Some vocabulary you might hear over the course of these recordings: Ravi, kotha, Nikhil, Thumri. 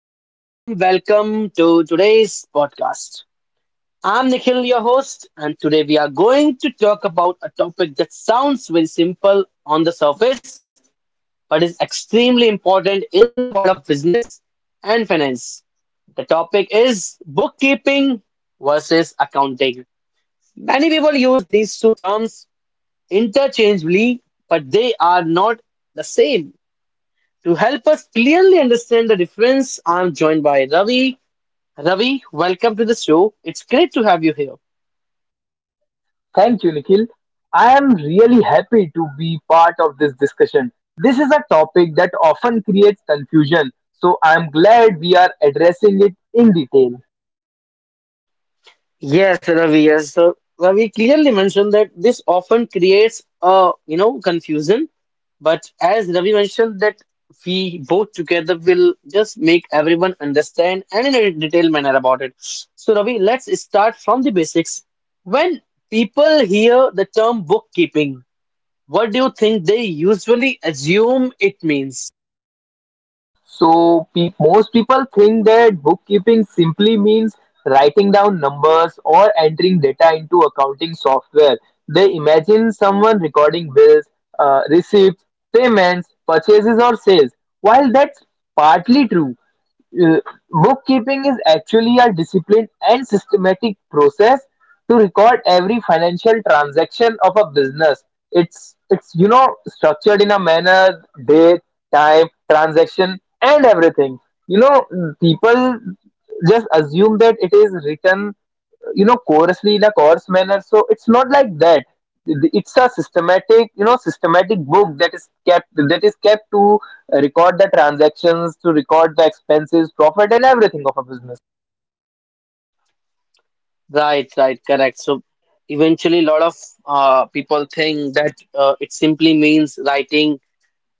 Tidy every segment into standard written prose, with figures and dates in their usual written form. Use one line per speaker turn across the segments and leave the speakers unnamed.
a very warm welcome to today's podcast. I'm Nikhil, your host, and today we are going to talk about a topic that sounds very simple on the surface, but is extremely important in the world of business and finance. The topic is bookkeeping versus accounting. Many people use these two terms interchangeably, but they are not the same. To help us clearly understand the difference, I'm joined by Ravi. Ravi, welcome to the show. It's great to have you here.
Thank you, Nikhil. I am really happy to be part of this discussion. This is a topic that often creates confusion, so I am glad we are addressing it in detail.
Yes, Ravi, yes. So Ravi clearly mentioned that this often creates a confusion, but as Ravi mentioned that we both together will just make everyone understand and in a detailed manner about it. So Ravi, let's start from the basics. When people hear the term bookkeeping, what do you think they usually assume it means?
Most people think that bookkeeping simply means writing down numbers, or entering data into accounting software. They imagine someone recording bills, receipts, payments, purchases, or sales. While that's partly true, uh, bookkeeping is actually a disciplined and systematic process to record every financial transaction of a business. It's you know structured in a manner, date, time, transaction, and everything. You know, people just assume that it is written, you know, coarsely in a coarse manner. So it's not like that. It's a systematic, you know, systematic book that is kept to record the transactions, to record the expenses, profit, and everything of a business.
Right, right, correct. So eventually, a lot of people think that it simply means writing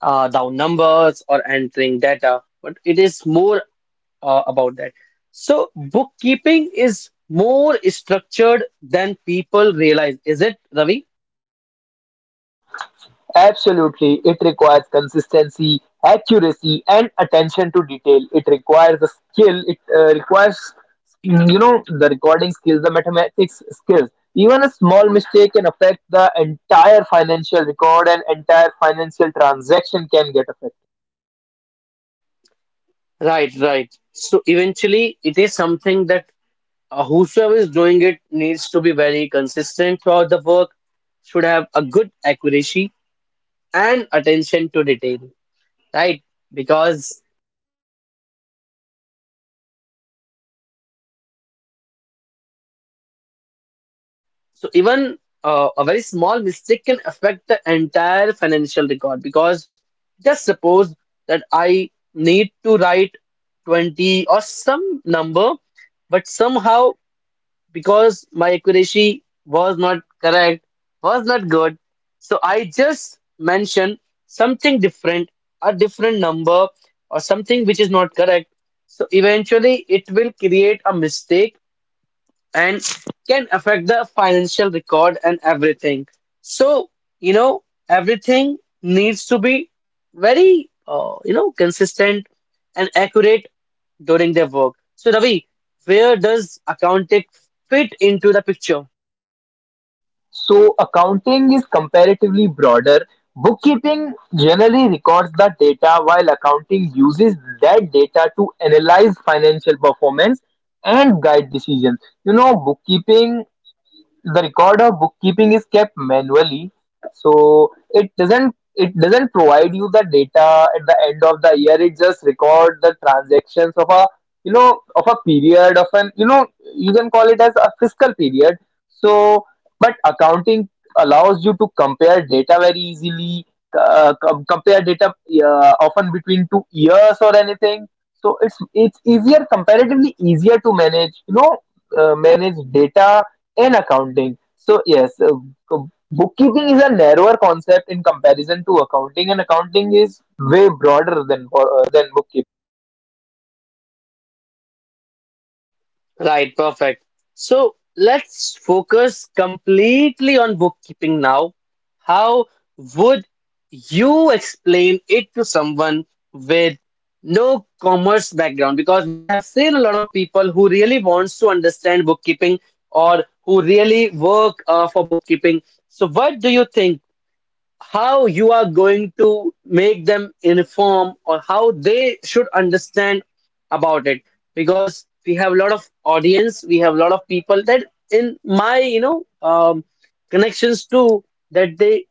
down numbers or entering data, but it is more about that. So bookkeeping is more structured than people realize, is it, Ravi?
Absolutely. It requires consistency, accuracy, and attention to detail. It requires a skill. It requires, you know, the recording skills, the mathematics skills. Even a small mistake can affect the entire financial record and entire financial transaction can get affected.
Right, right. So eventually, it is something that whosoever is doing it needs to be very consistent throughout the work, should have a good accuracy and attention to detail, right? Because so even a very small mistake can affect the entire financial record. Because just suppose that I need to write 20 or some number, but somehow because my accuracy was not correct, was not good, so I just mention something different, a different number, or something which is not correct. So eventually, it will create a mistake and can affect the financial record and everything. So, you know, everything needs to be very, consistent and accurate during their work. So, Ravi, where does accounting fit into the picture?
So accounting is comparatively broader; bookkeeping generally records the data, while accounting uses that data to analyze financial performance and guide decisions. You know, bookkeeping the record of bookkeeping is kept manually, so it doesn't provide you the data at the end of the year. It just record the transactions of a, you know, of a period of an, you know, you can call it as a fiscal period. So but accounting allows you to compare data very easily, compare data often between 2 years or anything. So it's easier, comparatively easier to manage, you know, manage data in accounting. So yes, bookkeeping is a narrower concept in comparison to accounting, and accounting is way broader than than bookkeeping.
Right, perfect. So let's focus completely on bookkeeping now. How would you explain it to someone with no commerce background? Because we have seen a lot of people who really wants to understand bookkeeping or who really work for bookkeeping. So what do you think? How you are going to make them inform or how they should understand about it, because we have a lot of audience, we have a lot of people that in my connections too, that they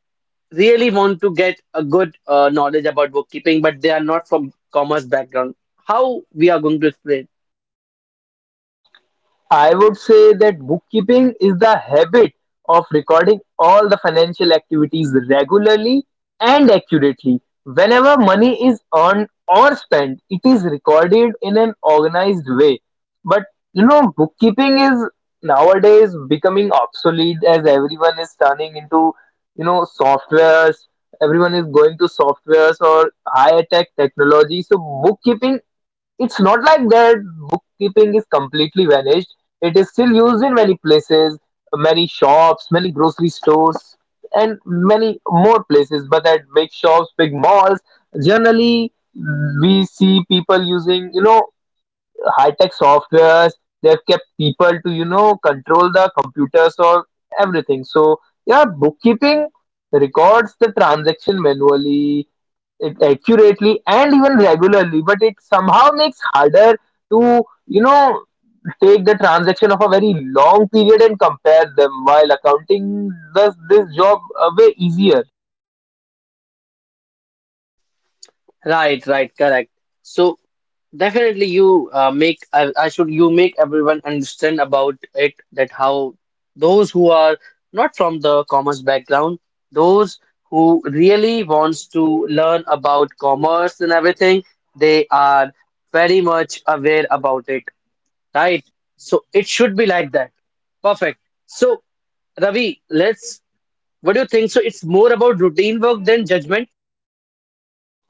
really want to get a good knowledge about bookkeeping, but they are not from commerce background. How we are going to explain?
I would say that bookkeeping is the habit of recording all the financial activities regularly and accurately. Whenever money is earned or spent, it is recorded in an organized way. But you know, bookkeeping is nowadays becoming obsolete as everyone is turning into, you know, softwares. Everyone is going to softwares or high tech technology. So bookkeeping, it's not like that bookkeeping is completely vanished. It is still used in many places, many shops, many grocery stores, and many more places. But at big shops, big malls, generally we see people using, you know, high-tech softwares. They've kept people to, you know, control the computers or everything. So yeah, bookkeeping records the transaction manually, it accurately and even regularly, but it somehow makes harder to, you know, take the transaction of a very long period and compare them, while accounting does this job way easier.
Right, right, correct. So, definitely, you make I should you make everyone understand about it, that how those who are not from the commerce background, those who really wants to learn about commerce and everything, they are very much aware about it, right? So it should be like that. Perfect. So Ravi, let's. What do you think? So it's more about routine work than judgment.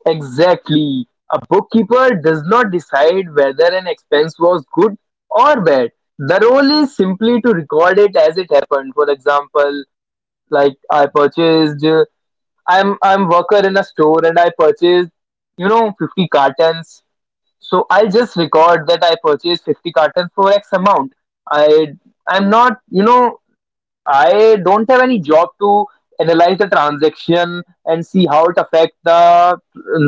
Exactly, a bookkeeper does not decide whether an expense was good or bad. The role is simply to record it as it happened. For example, like I purchased I'm worker in a store and I purchased, you know, 50 cartons. So I'll just record that I purchased 50 cartons for X amount. I I'm not, you know, I don't have any job to analyze the transaction and see how it affect the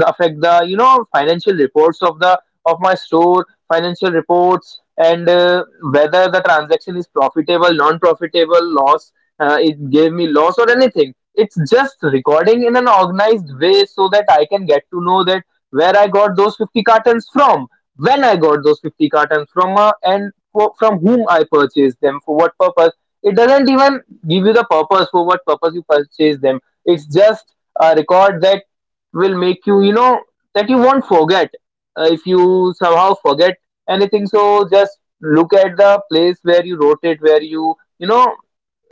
affect the, you know, financial reports of the of my store financial reports and whether the transaction is profitable, non profitable, loss, it gave me loss or anything. It's just recording in an organized way so that I can get to know that where I got those 50 cartons from, when I got those 50 cartons from, and from whom I purchased them, for what purpose. It doesn't even give you the purpose, for what purpose you purchase them. It's just a record that will make you, you know, that you won't forget. If you somehow forget anything, so just look at the place where you wrote it, where you know,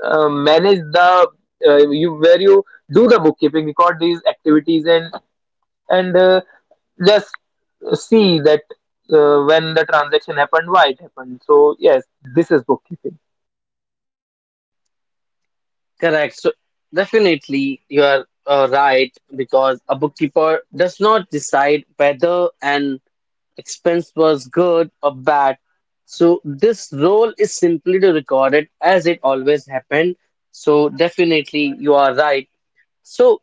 manage the you where you do the bookkeeping, record these activities, and and uh, just see that when the transaction happened, why it happened. So yes, this is bookkeeping.
Correct. So definitely you are right, because a bookkeeper does not decide whether an expense was good or bad. So this role is simply to record it as it always happened. So definitely you are right. So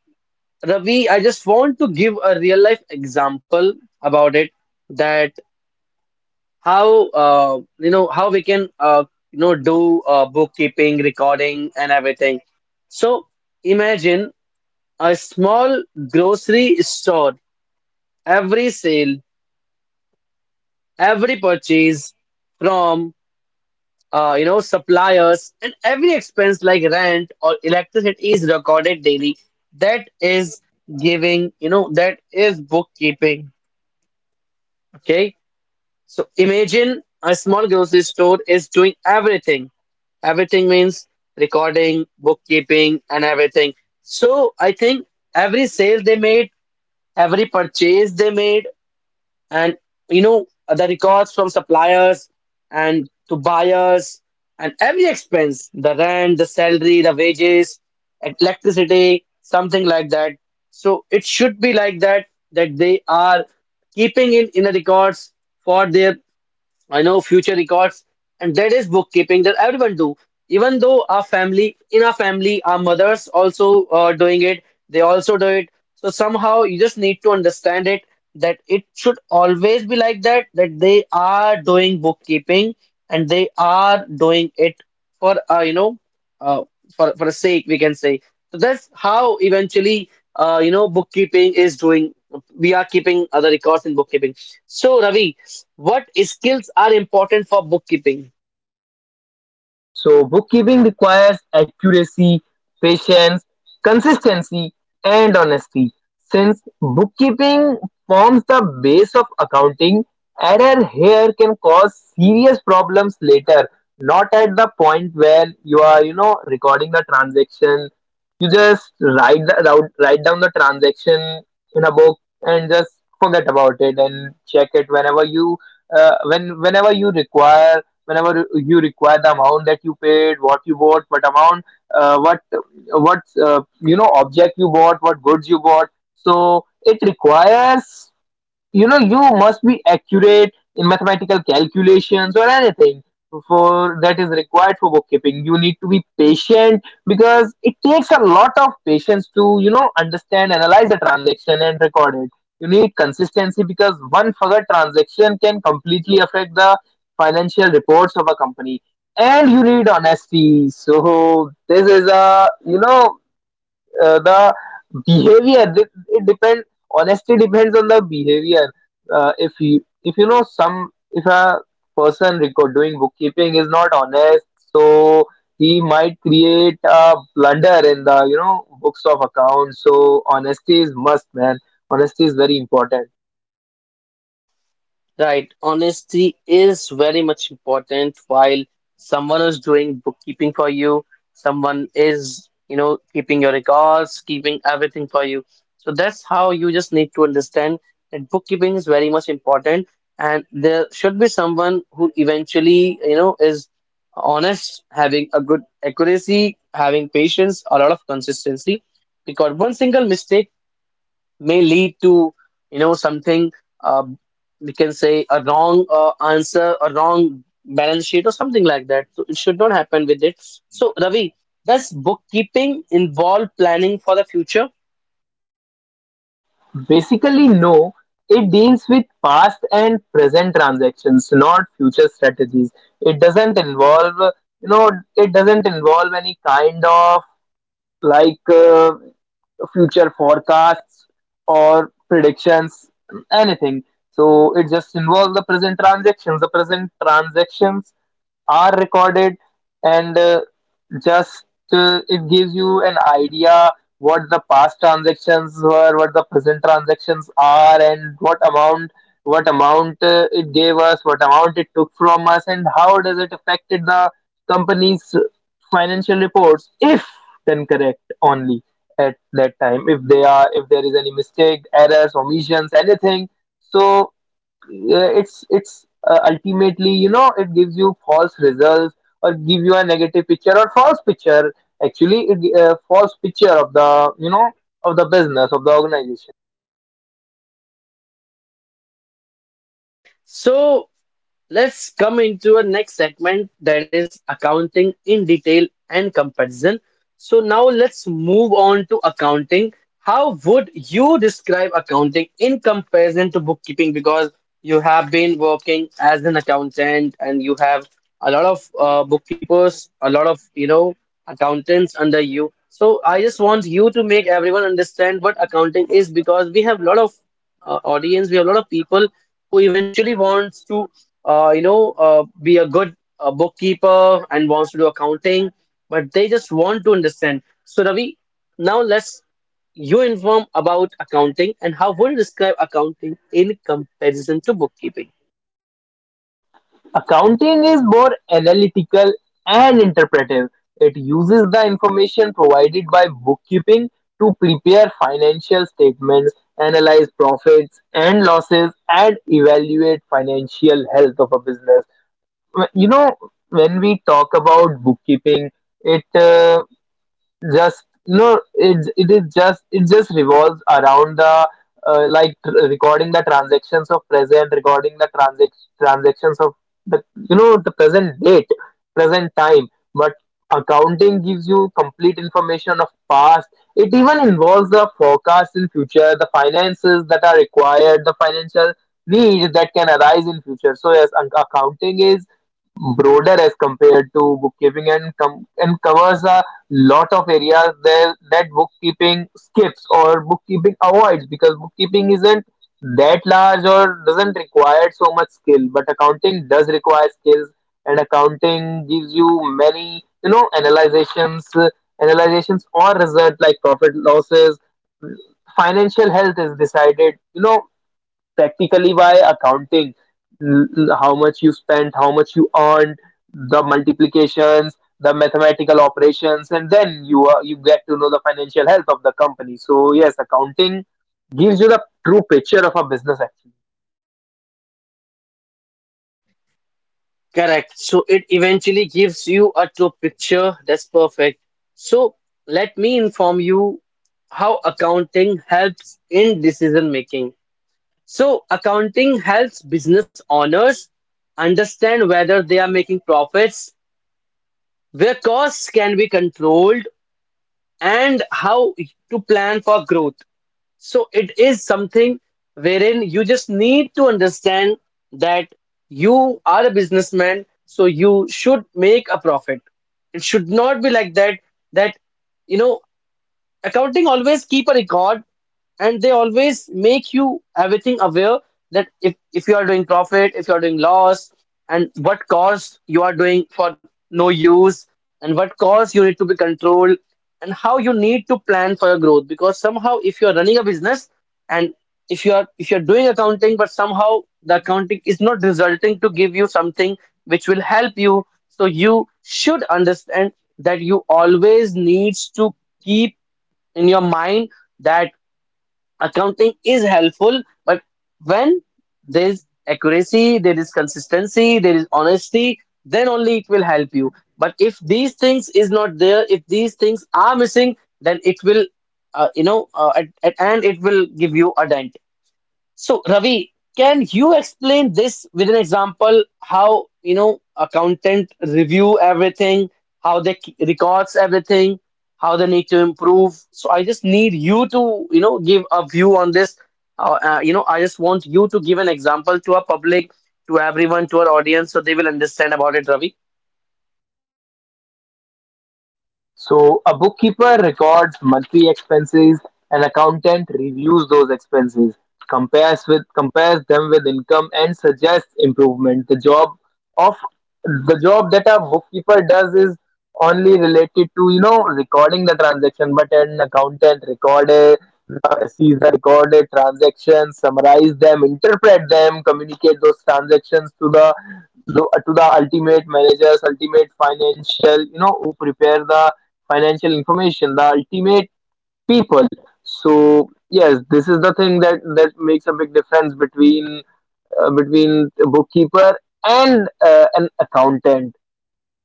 Ravi, I just want to give a real life example about it, that how how we can do bookkeeping, recording, and everything. So, imagine a small grocery store, every sale, every purchase from suppliers, and every expense like rent or electricity is recorded daily. That is giving, you know, that is bookkeeping. Okay. So imagine a small grocery store is doing everything. Everything means recording, bookkeeping, and everything. So I think every sale they made, every purchase they made, and the records from suppliers and to buyers, and every expense, the rent, the salary, the wages, electricity, something like that. So it should be like that, that they are keeping in the records for their, I know, future records, and that is bookkeeping that everyone do. Even though our family, in our family, our mothers also are doing it. They also do it. So somehow you just need to understand it that it should always be like that. That they are doing bookkeeping, and they are doing it for uh, for a sake, we can say. So that's how eventually bookkeeping is doing. We are keeping other records in bookkeeping. So Ravi, what skills are important for bookkeeping?
So, bookkeeping requires accuracy, patience, consistency, and honesty. Since bookkeeping forms the base of accounting, error here can cause serious problems later, not at the point where you are, you know, recording the transaction. You just write, write write down the transaction in a book and just forget about it and check it whenever you when whenever you require, whenever you require the amount that you paid, what you bought, what amount, uh, what what you know, object you bought, what goods you bought. So it requires, you know, you must be accurate in mathematical calculations or anything, for that is required for bookkeeping. You need to be patient because it takes a lot of patience to, you know, understand, analyze the transaction and record it. You need consistency because one forgot transaction can completely affect the financial reports of a company. And you need honesty, so this is a, you know, the behavior. It depends, honesty depends on the behavior. If you, if you know some, if a person record doing bookkeeping is not honest, so he might create a blunder in the, you know, books of accounts. So honesty is must, man. Honesty is very important.
Right, honesty is very much important while someone is doing bookkeeping for you, someone is, you know, keeping your records, keeping everything for you. So that's how you just need to understand that bookkeeping is very much important, and there should be someone who eventually, you know, is honest, having a good accuracy, having patience, a lot of consistency. Because one single mistake may lead to, you know, something uh, we can say a wrong answer, a wrong balance sheet, or something like that, so it should not happen with it. So Ravi, does bookkeeping involve planning for the future?
Basically no, it deals with past and present transactions, not future strategies. It doesn't involve, you know, it doesn't involve any kind of, like, future forecasts or predictions, anything. So it just involves the present transactions. The present transactions are recorded and just it gives you an idea what the past transactions were, what the present transactions are, and what amount, what amount it gave us, what amount it took from us, and how does it affected the company's financial reports. If then correct only at that time, if they are, if there is any mistake, errors, omissions, anything. So it's ultimately, you know, it gives you false results or give you a negative picture or false picture. Actually false picture of the, you know, of the business, of the organization.
So let's come into a next segment, that is accounting in detail and comparison. So now let's move on to accounting. How would you describe accounting in comparison to bookkeeping? Because you have been working as an accountant, and you have a lot of bookkeepers, a lot of, you know, accountants under you. So I just want you to make everyone understand what accounting is, because we have a lot of audience. We have a lot of people who eventually wants to, be a good bookkeeper and wants to do accounting, but they just want to understand. So Ravi, now let's you inform about accounting, and how would you describe accounting in comparison to bookkeeping?
Accounting is more analytical and interpretive; it uses the information provided by bookkeeping to prepare financial statements, analyze profits and losses, and evaluate financial health of a business. You know, when we talk about bookkeeping, it just no it it is just it just revolves around the recording the transactions of present, recording the transactions of the, you know, the present date, present time. But accounting gives you complete information of past. It even involves the forecast in future, the finances that are required, the financial needs that can arise in future. So yes, accounting is broader as compared to bookkeeping and covers a lot of areas there that bookkeeping skips or bookkeeping avoids, because bookkeeping isn't that large or doesn't require so much skill, but accounting does require skills. And accounting gives you many, you know, analyzations, analyzations or result like profit, losses. Financial health is decided, you know, practically by accounting. l- how much you spent, how much you earned, the multiplications, the mathematical operations, and then you get to know the financial health of the company. So yes, accounting gives you the true picture of a business actually.
Correct. So it eventually gives you a true picture. That's perfect. So let me inform you how accounting helps in decision making. So, accounting helps business owners understand whether they are making profits, where costs can be controlled, and how to plan for growth. So, it is something wherein you just need to understand that you are a businessman, so you should make a profit. It should not be like that, that, you know, accounting always keep a record, and they always make you everything aware that if you are doing profit, if you are doing loss, and what cost you are doing for no use, and what cost you need to be controlled, and how you need to plan for your growth. Because somehow, if you are running a business and if you are, if you are doing accounting, but somehow the accounting is not resulting to give you something which will help you, so you should understand that you always needs to keep in your mind that accounting is helpful, but when there's accuracy, there is consistency, there is honesty, then only it will help you. But if these things is not there, if these things are missing, then it will, you know, at and it will give you a dent. So, Ravi, can you explain this with an example how, you know, accountant review everything, how they records everything, how they need to improve. So I just need you to, you know, give a view on this. I just want you to give an example to our public, to everyone, to our audience, so they will understand about it, Ravi.
So a bookkeeper records monthly expenses, an accountant reviews those expenses, compares them with income and suggests improvement. Of the job that a bookkeeper does is only related to, you know, recording the transaction, but an accountant record a sees the recorded transactions, summarize them, interpret them, communicate those transactions to the ultimate managers, ultimate financial, you know, who prepare the financial information, the ultimate people. So yes, this is the thing that makes a big difference between between a bookkeeper and an accountant.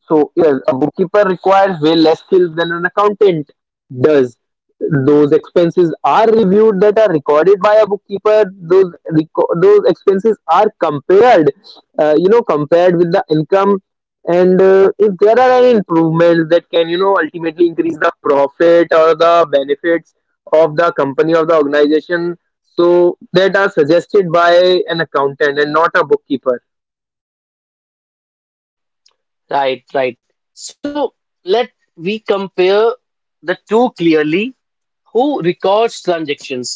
So yes, a bookkeeper requires way less skills than an accountant does. Those expenses are reviewed that are recorded by a bookkeeper. Those expenses are compared, you know, compared with the income. And if there are any improvements that can, you know, ultimately increase the profit or the benefits of the company or the organization, so that are suggested by an accountant and not a bookkeeper.
Right, right. So let we compare the two clearly, who records transactions,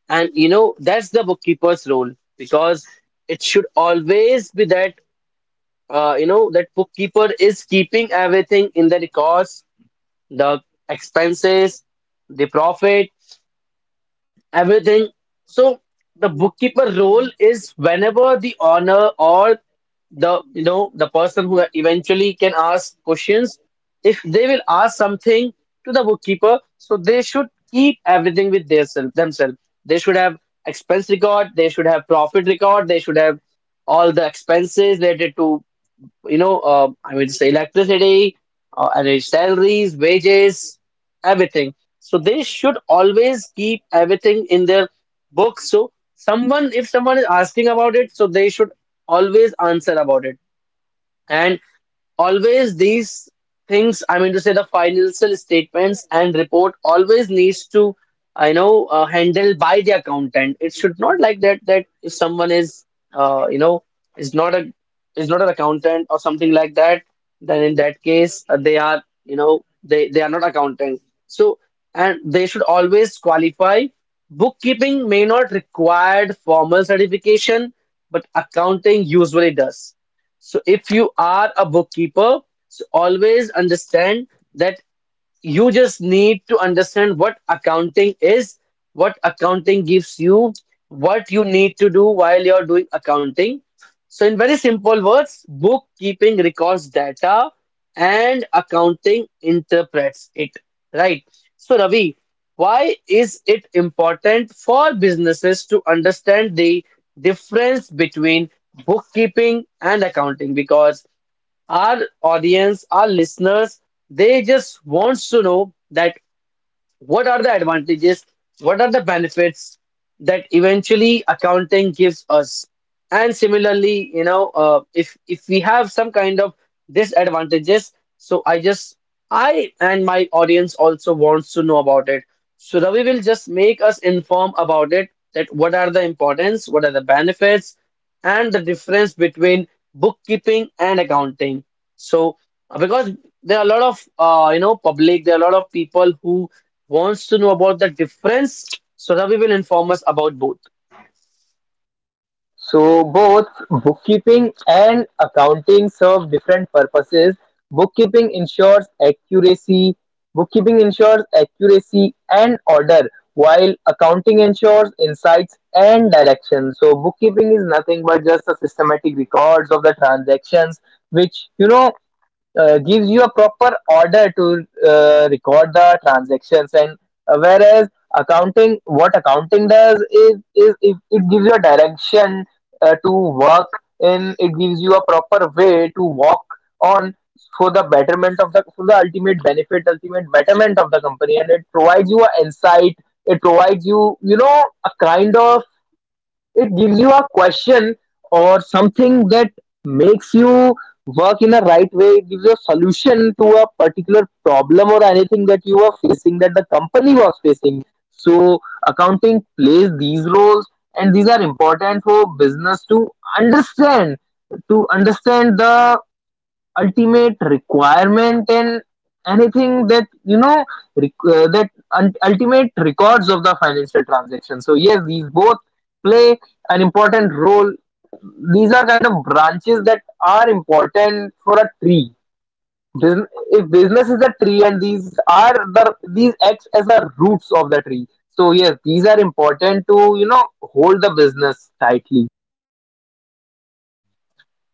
and you know that's the bookkeeper's role, because it should always be that that bookkeeper is keeping everything in the records, the expenses, the profit, everything. So the bookkeeper role is whenever the owner or the, you know, the person who eventually can ask questions, if they will ask something to the bookkeeper, so they should keep everything with their self, themselves. They should have expense record, they should have profit record, they should have all the expenses related to, you know, I mean, it's electricity, and its salaries, wages, everything. So they should always keep everything in their book. So someone, if someone is asking about it, so they should always answer about it. And always these things, I mean to say the financial statements and report, always needs to, I know, handle by the accountant. It should not like that that if someone is, uh, you know, is not a is not an accountant or something like that, then in that case they are, you know, they are not accountant. So and they should always qualify. Bookkeeping may not require formal certification, but accounting usually does. So if you are a bookkeeper, so always understand that you just need to understand what accounting is, what accounting gives you, what you need to do while you're doing accounting. So, in very simple words, bookkeeping records data and accounting interprets it, right? So, Ravi, why is it important for businesses to understand the difference between bookkeeping and accounting? Because our audience, our listeners, they just wants to know that what are the advantages, what are the benefits that eventually accounting gives us, and similarly if we have some kind of disadvantages. So I and my audience also wants to know about it. So Ravi will just make us inform about it, that what are the importance, what are the benefits, and the difference between bookkeeping and accounting. So because there are a lot of public, there are a lot of people who wants to know about the difference. So Ravi will inform us about both.
So both bookkeeping and accounting serve different purposes. Bookkeeping ensures accuracy, Bookkeeping ensures accuracy and order, while accounting ensures insights and direction. So bookkeeping is nothing but just the systematic records of the transactions, which gives you a proper order to record the transactions and whereas accounting, what accounting does is, it gives you a direction, to work, and it gives you a proper way to walk on for the ultimate betterment of the company, and it provides you a insight. It provides you, you know a kind of, it gives you a question or something that makes you work in a right way. It gives you a solution to a particular problem or anything that you are facing, that the company was facing. So, accounting plays these roles, and these are important for business to understand understand the ultimate requirement, and anything that, ultimate records of the financial transaction. So yes, these both play an important role. These are kind of branches that are important for a tree. If business is a tree, and these are the these acts as the roots of the tree. So yes, these are important to, hold the business tightly.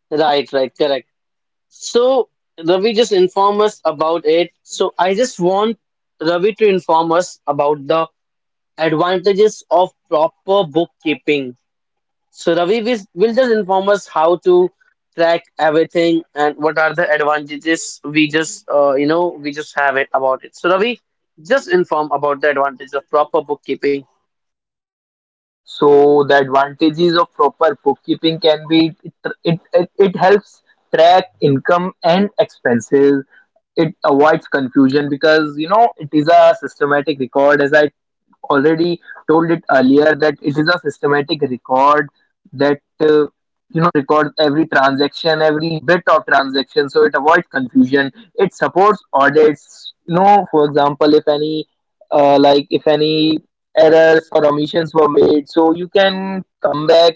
Right, right, correct. So Ravi just inform us about it. So I just want Ravi to inform us about the advantages of proper bookkeeping. So Ravi will just inform us how to track everything and what are the advantages we just we just have it about it. So Ravi, just inform about the advantage of proper bookkeeping.
So the advantages of proper bookkeeping can be , it helps track income and expenses. It avoids confusion, because you know it is a systematic record, as I already told it earlier, that it is a systematic record that, you know, records every transaction, every bit of transaction, so it avoids confusion. It supports audits. You know, for example, if any like, if any errors or omissions were made, so you can come back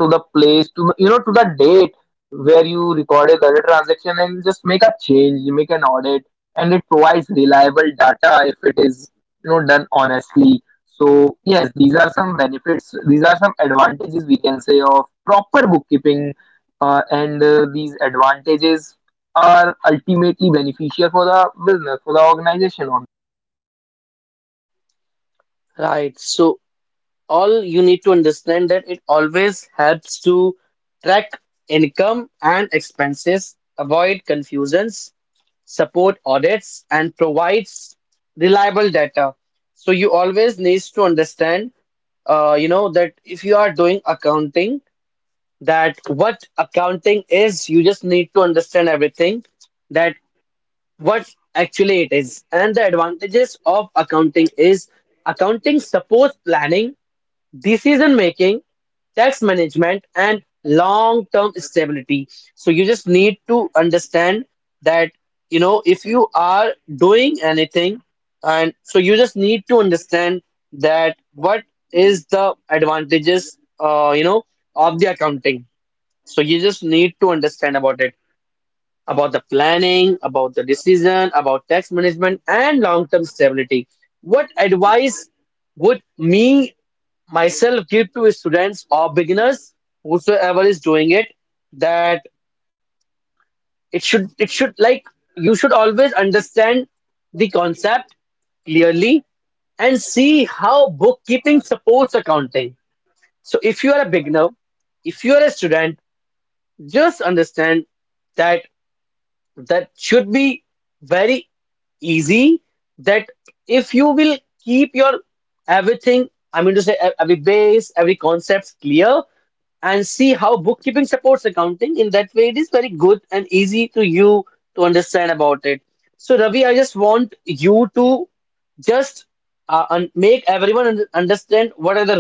to the place, to you know, to the date where you recorded the transaction and just make a change, you make an audit. And it provides reliable data if it is, you know, done honestly. So yes, these are some benefits, these are some advantages we can say of proper bookkeeping. And these advantages are ultimately beneficial for the business, for the organization.
Right. So all you need to understand that it always helps to track income and expenses, avoid confusions, support audits, and provides reliable data. So you always needs to understand, that if you are doing accounting, that what accounting is, you just need to understand everything, that what actually it is. And the advantages of accounting is accounting supports planning, decision making, tax management, and long term stability. So you just need to understand that you know if you are doing anything, and so you just need to understand that what is the advantages, of the accounting. So you just need to understand about it, about the planning, about the decision, about tax management, and long term stability. What advice would me myself give to students or beginners whosoever is doing it, that it should like you should always understand the concept clearly and see how bookkeeping supports accounting. So if you are a beginner, if you are a student, just understand that that should be very easy, that if you will keep your everything, I mean to say every base, every concept clear, and see how bookkeeping supports accounting. In that way, it is very good and easy to you to understand about it. So, Ravi, I just want you to just un make everyone un understand what are the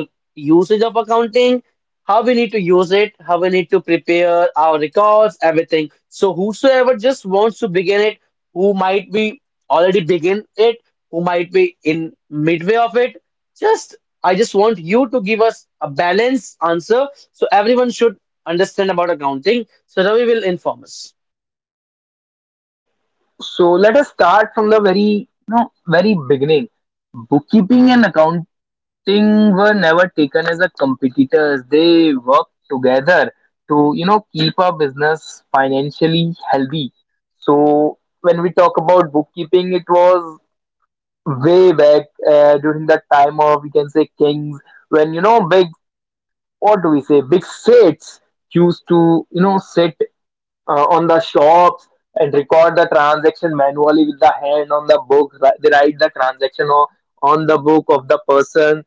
usage of accounting, how we need to use it, how we need to prepare our records, everything. So whosoever just wants to begin it, who might be already begin it, who might be in midway of it, just I just want you to give us a balanced answer so everyone should understand about accounting. So Ravi will inform us.
So let us start from the very, you know, very beginning. Bookkeeping and accounting Sting were never taken as a competitors. They worked together to, you know, keep our business financially healthy. So when we talk about bookkeeping, it was way back, during the time of, we can say, kings, when you know big, what do we say, big states used to, you know, sit on the shops and record the transaction manually with the hand on the book. They write the transaction or on the book of the person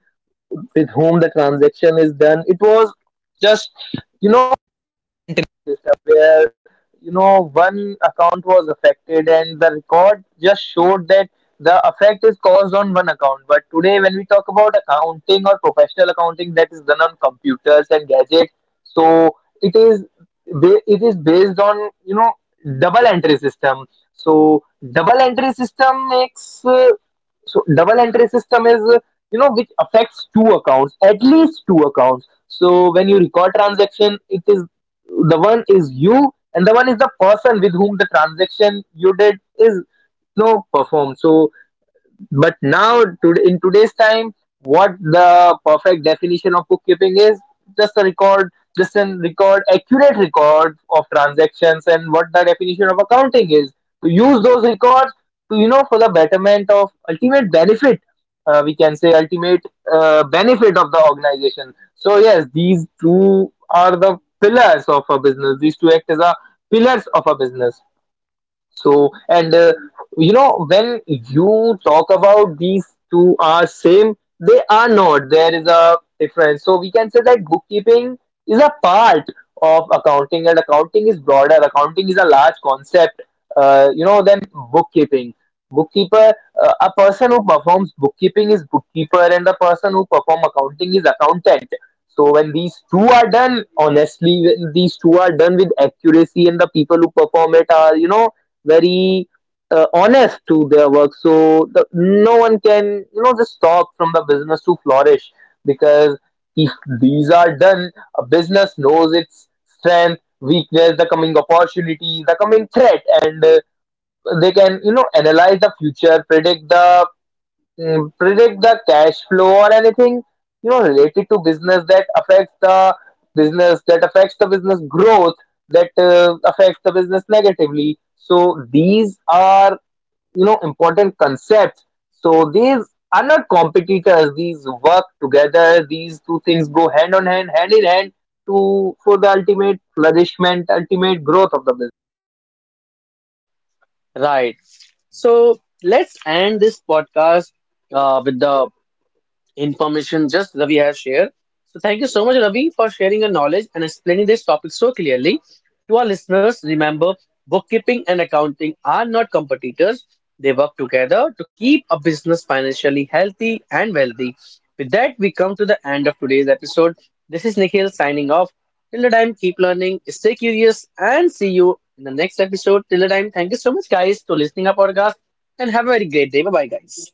with whom the transaction is done. It was just, you system, where you know one account was affected and the record just showed that the effect is caused on one account. But today when we talk about accounting or professional accounting, that is done on computers and gadgets. So it is it is based on, you know, double entry system. So double entry system makes uh, double entry system is, you know, which affects two accounts, at least two accounts. So when you record transaction, it is, the one is you and the one is the person with whom the transaction you did is, you know, performed. So but now today, in today's time, what the perfect definition of bookkeeping is, just a record, accurate record of transactions. And what the definition of accounting is, to use those records to, you know, for the betterment of ultimate benefit, we can say ultimate benefit of the organization. So yes, these two are the pillars of a business. These two act as a pillars of a business. So, and you know, when you talk about these two are same, they are not. There is a difference. So, we can say that bookkeeping is a part of accounting, and accounting is broader. Accounting is a large concept, you know, than bookkeeping. Bookkeeper, a person who performs bookkeeping is bookkeeper, and the person who perform accounting is accountant. So when these two are done honestly, when these two are done with accuracy, and the people who perform it are, you know, very honest to their work, so the, no one can you know just stop from the business to flourish. Because if these are done, a business knows its strength, weakness, the coming opportunities, the coming threat. And they can, you know, analyze the future, predict the cash flow, or anything you know related to business that affects the business growth, that affects the business negatively. So these are, you know, important concepts. So these are not competitors, these work together. These two things go hand in hand to, for the ultimate flourishment, ultimate growth of the business.
Right. So let's end this podcast with the information just Ravi has shared. So thank you so much, Ravi, for sharing your knowledge and explaining this topic so clearly. To our listeners, remember, bookkeeping and accounting are not competitors. They work together to keep a business financially healthy and wealthy. With that, we come to the end of today's episode. This is Nikhil signing off. Till the time, keep learning, stay curious, and see you in the next episode. Till the time, thank you so much, guys, for listening our podcast, and have a very great day. Bye bye, guys.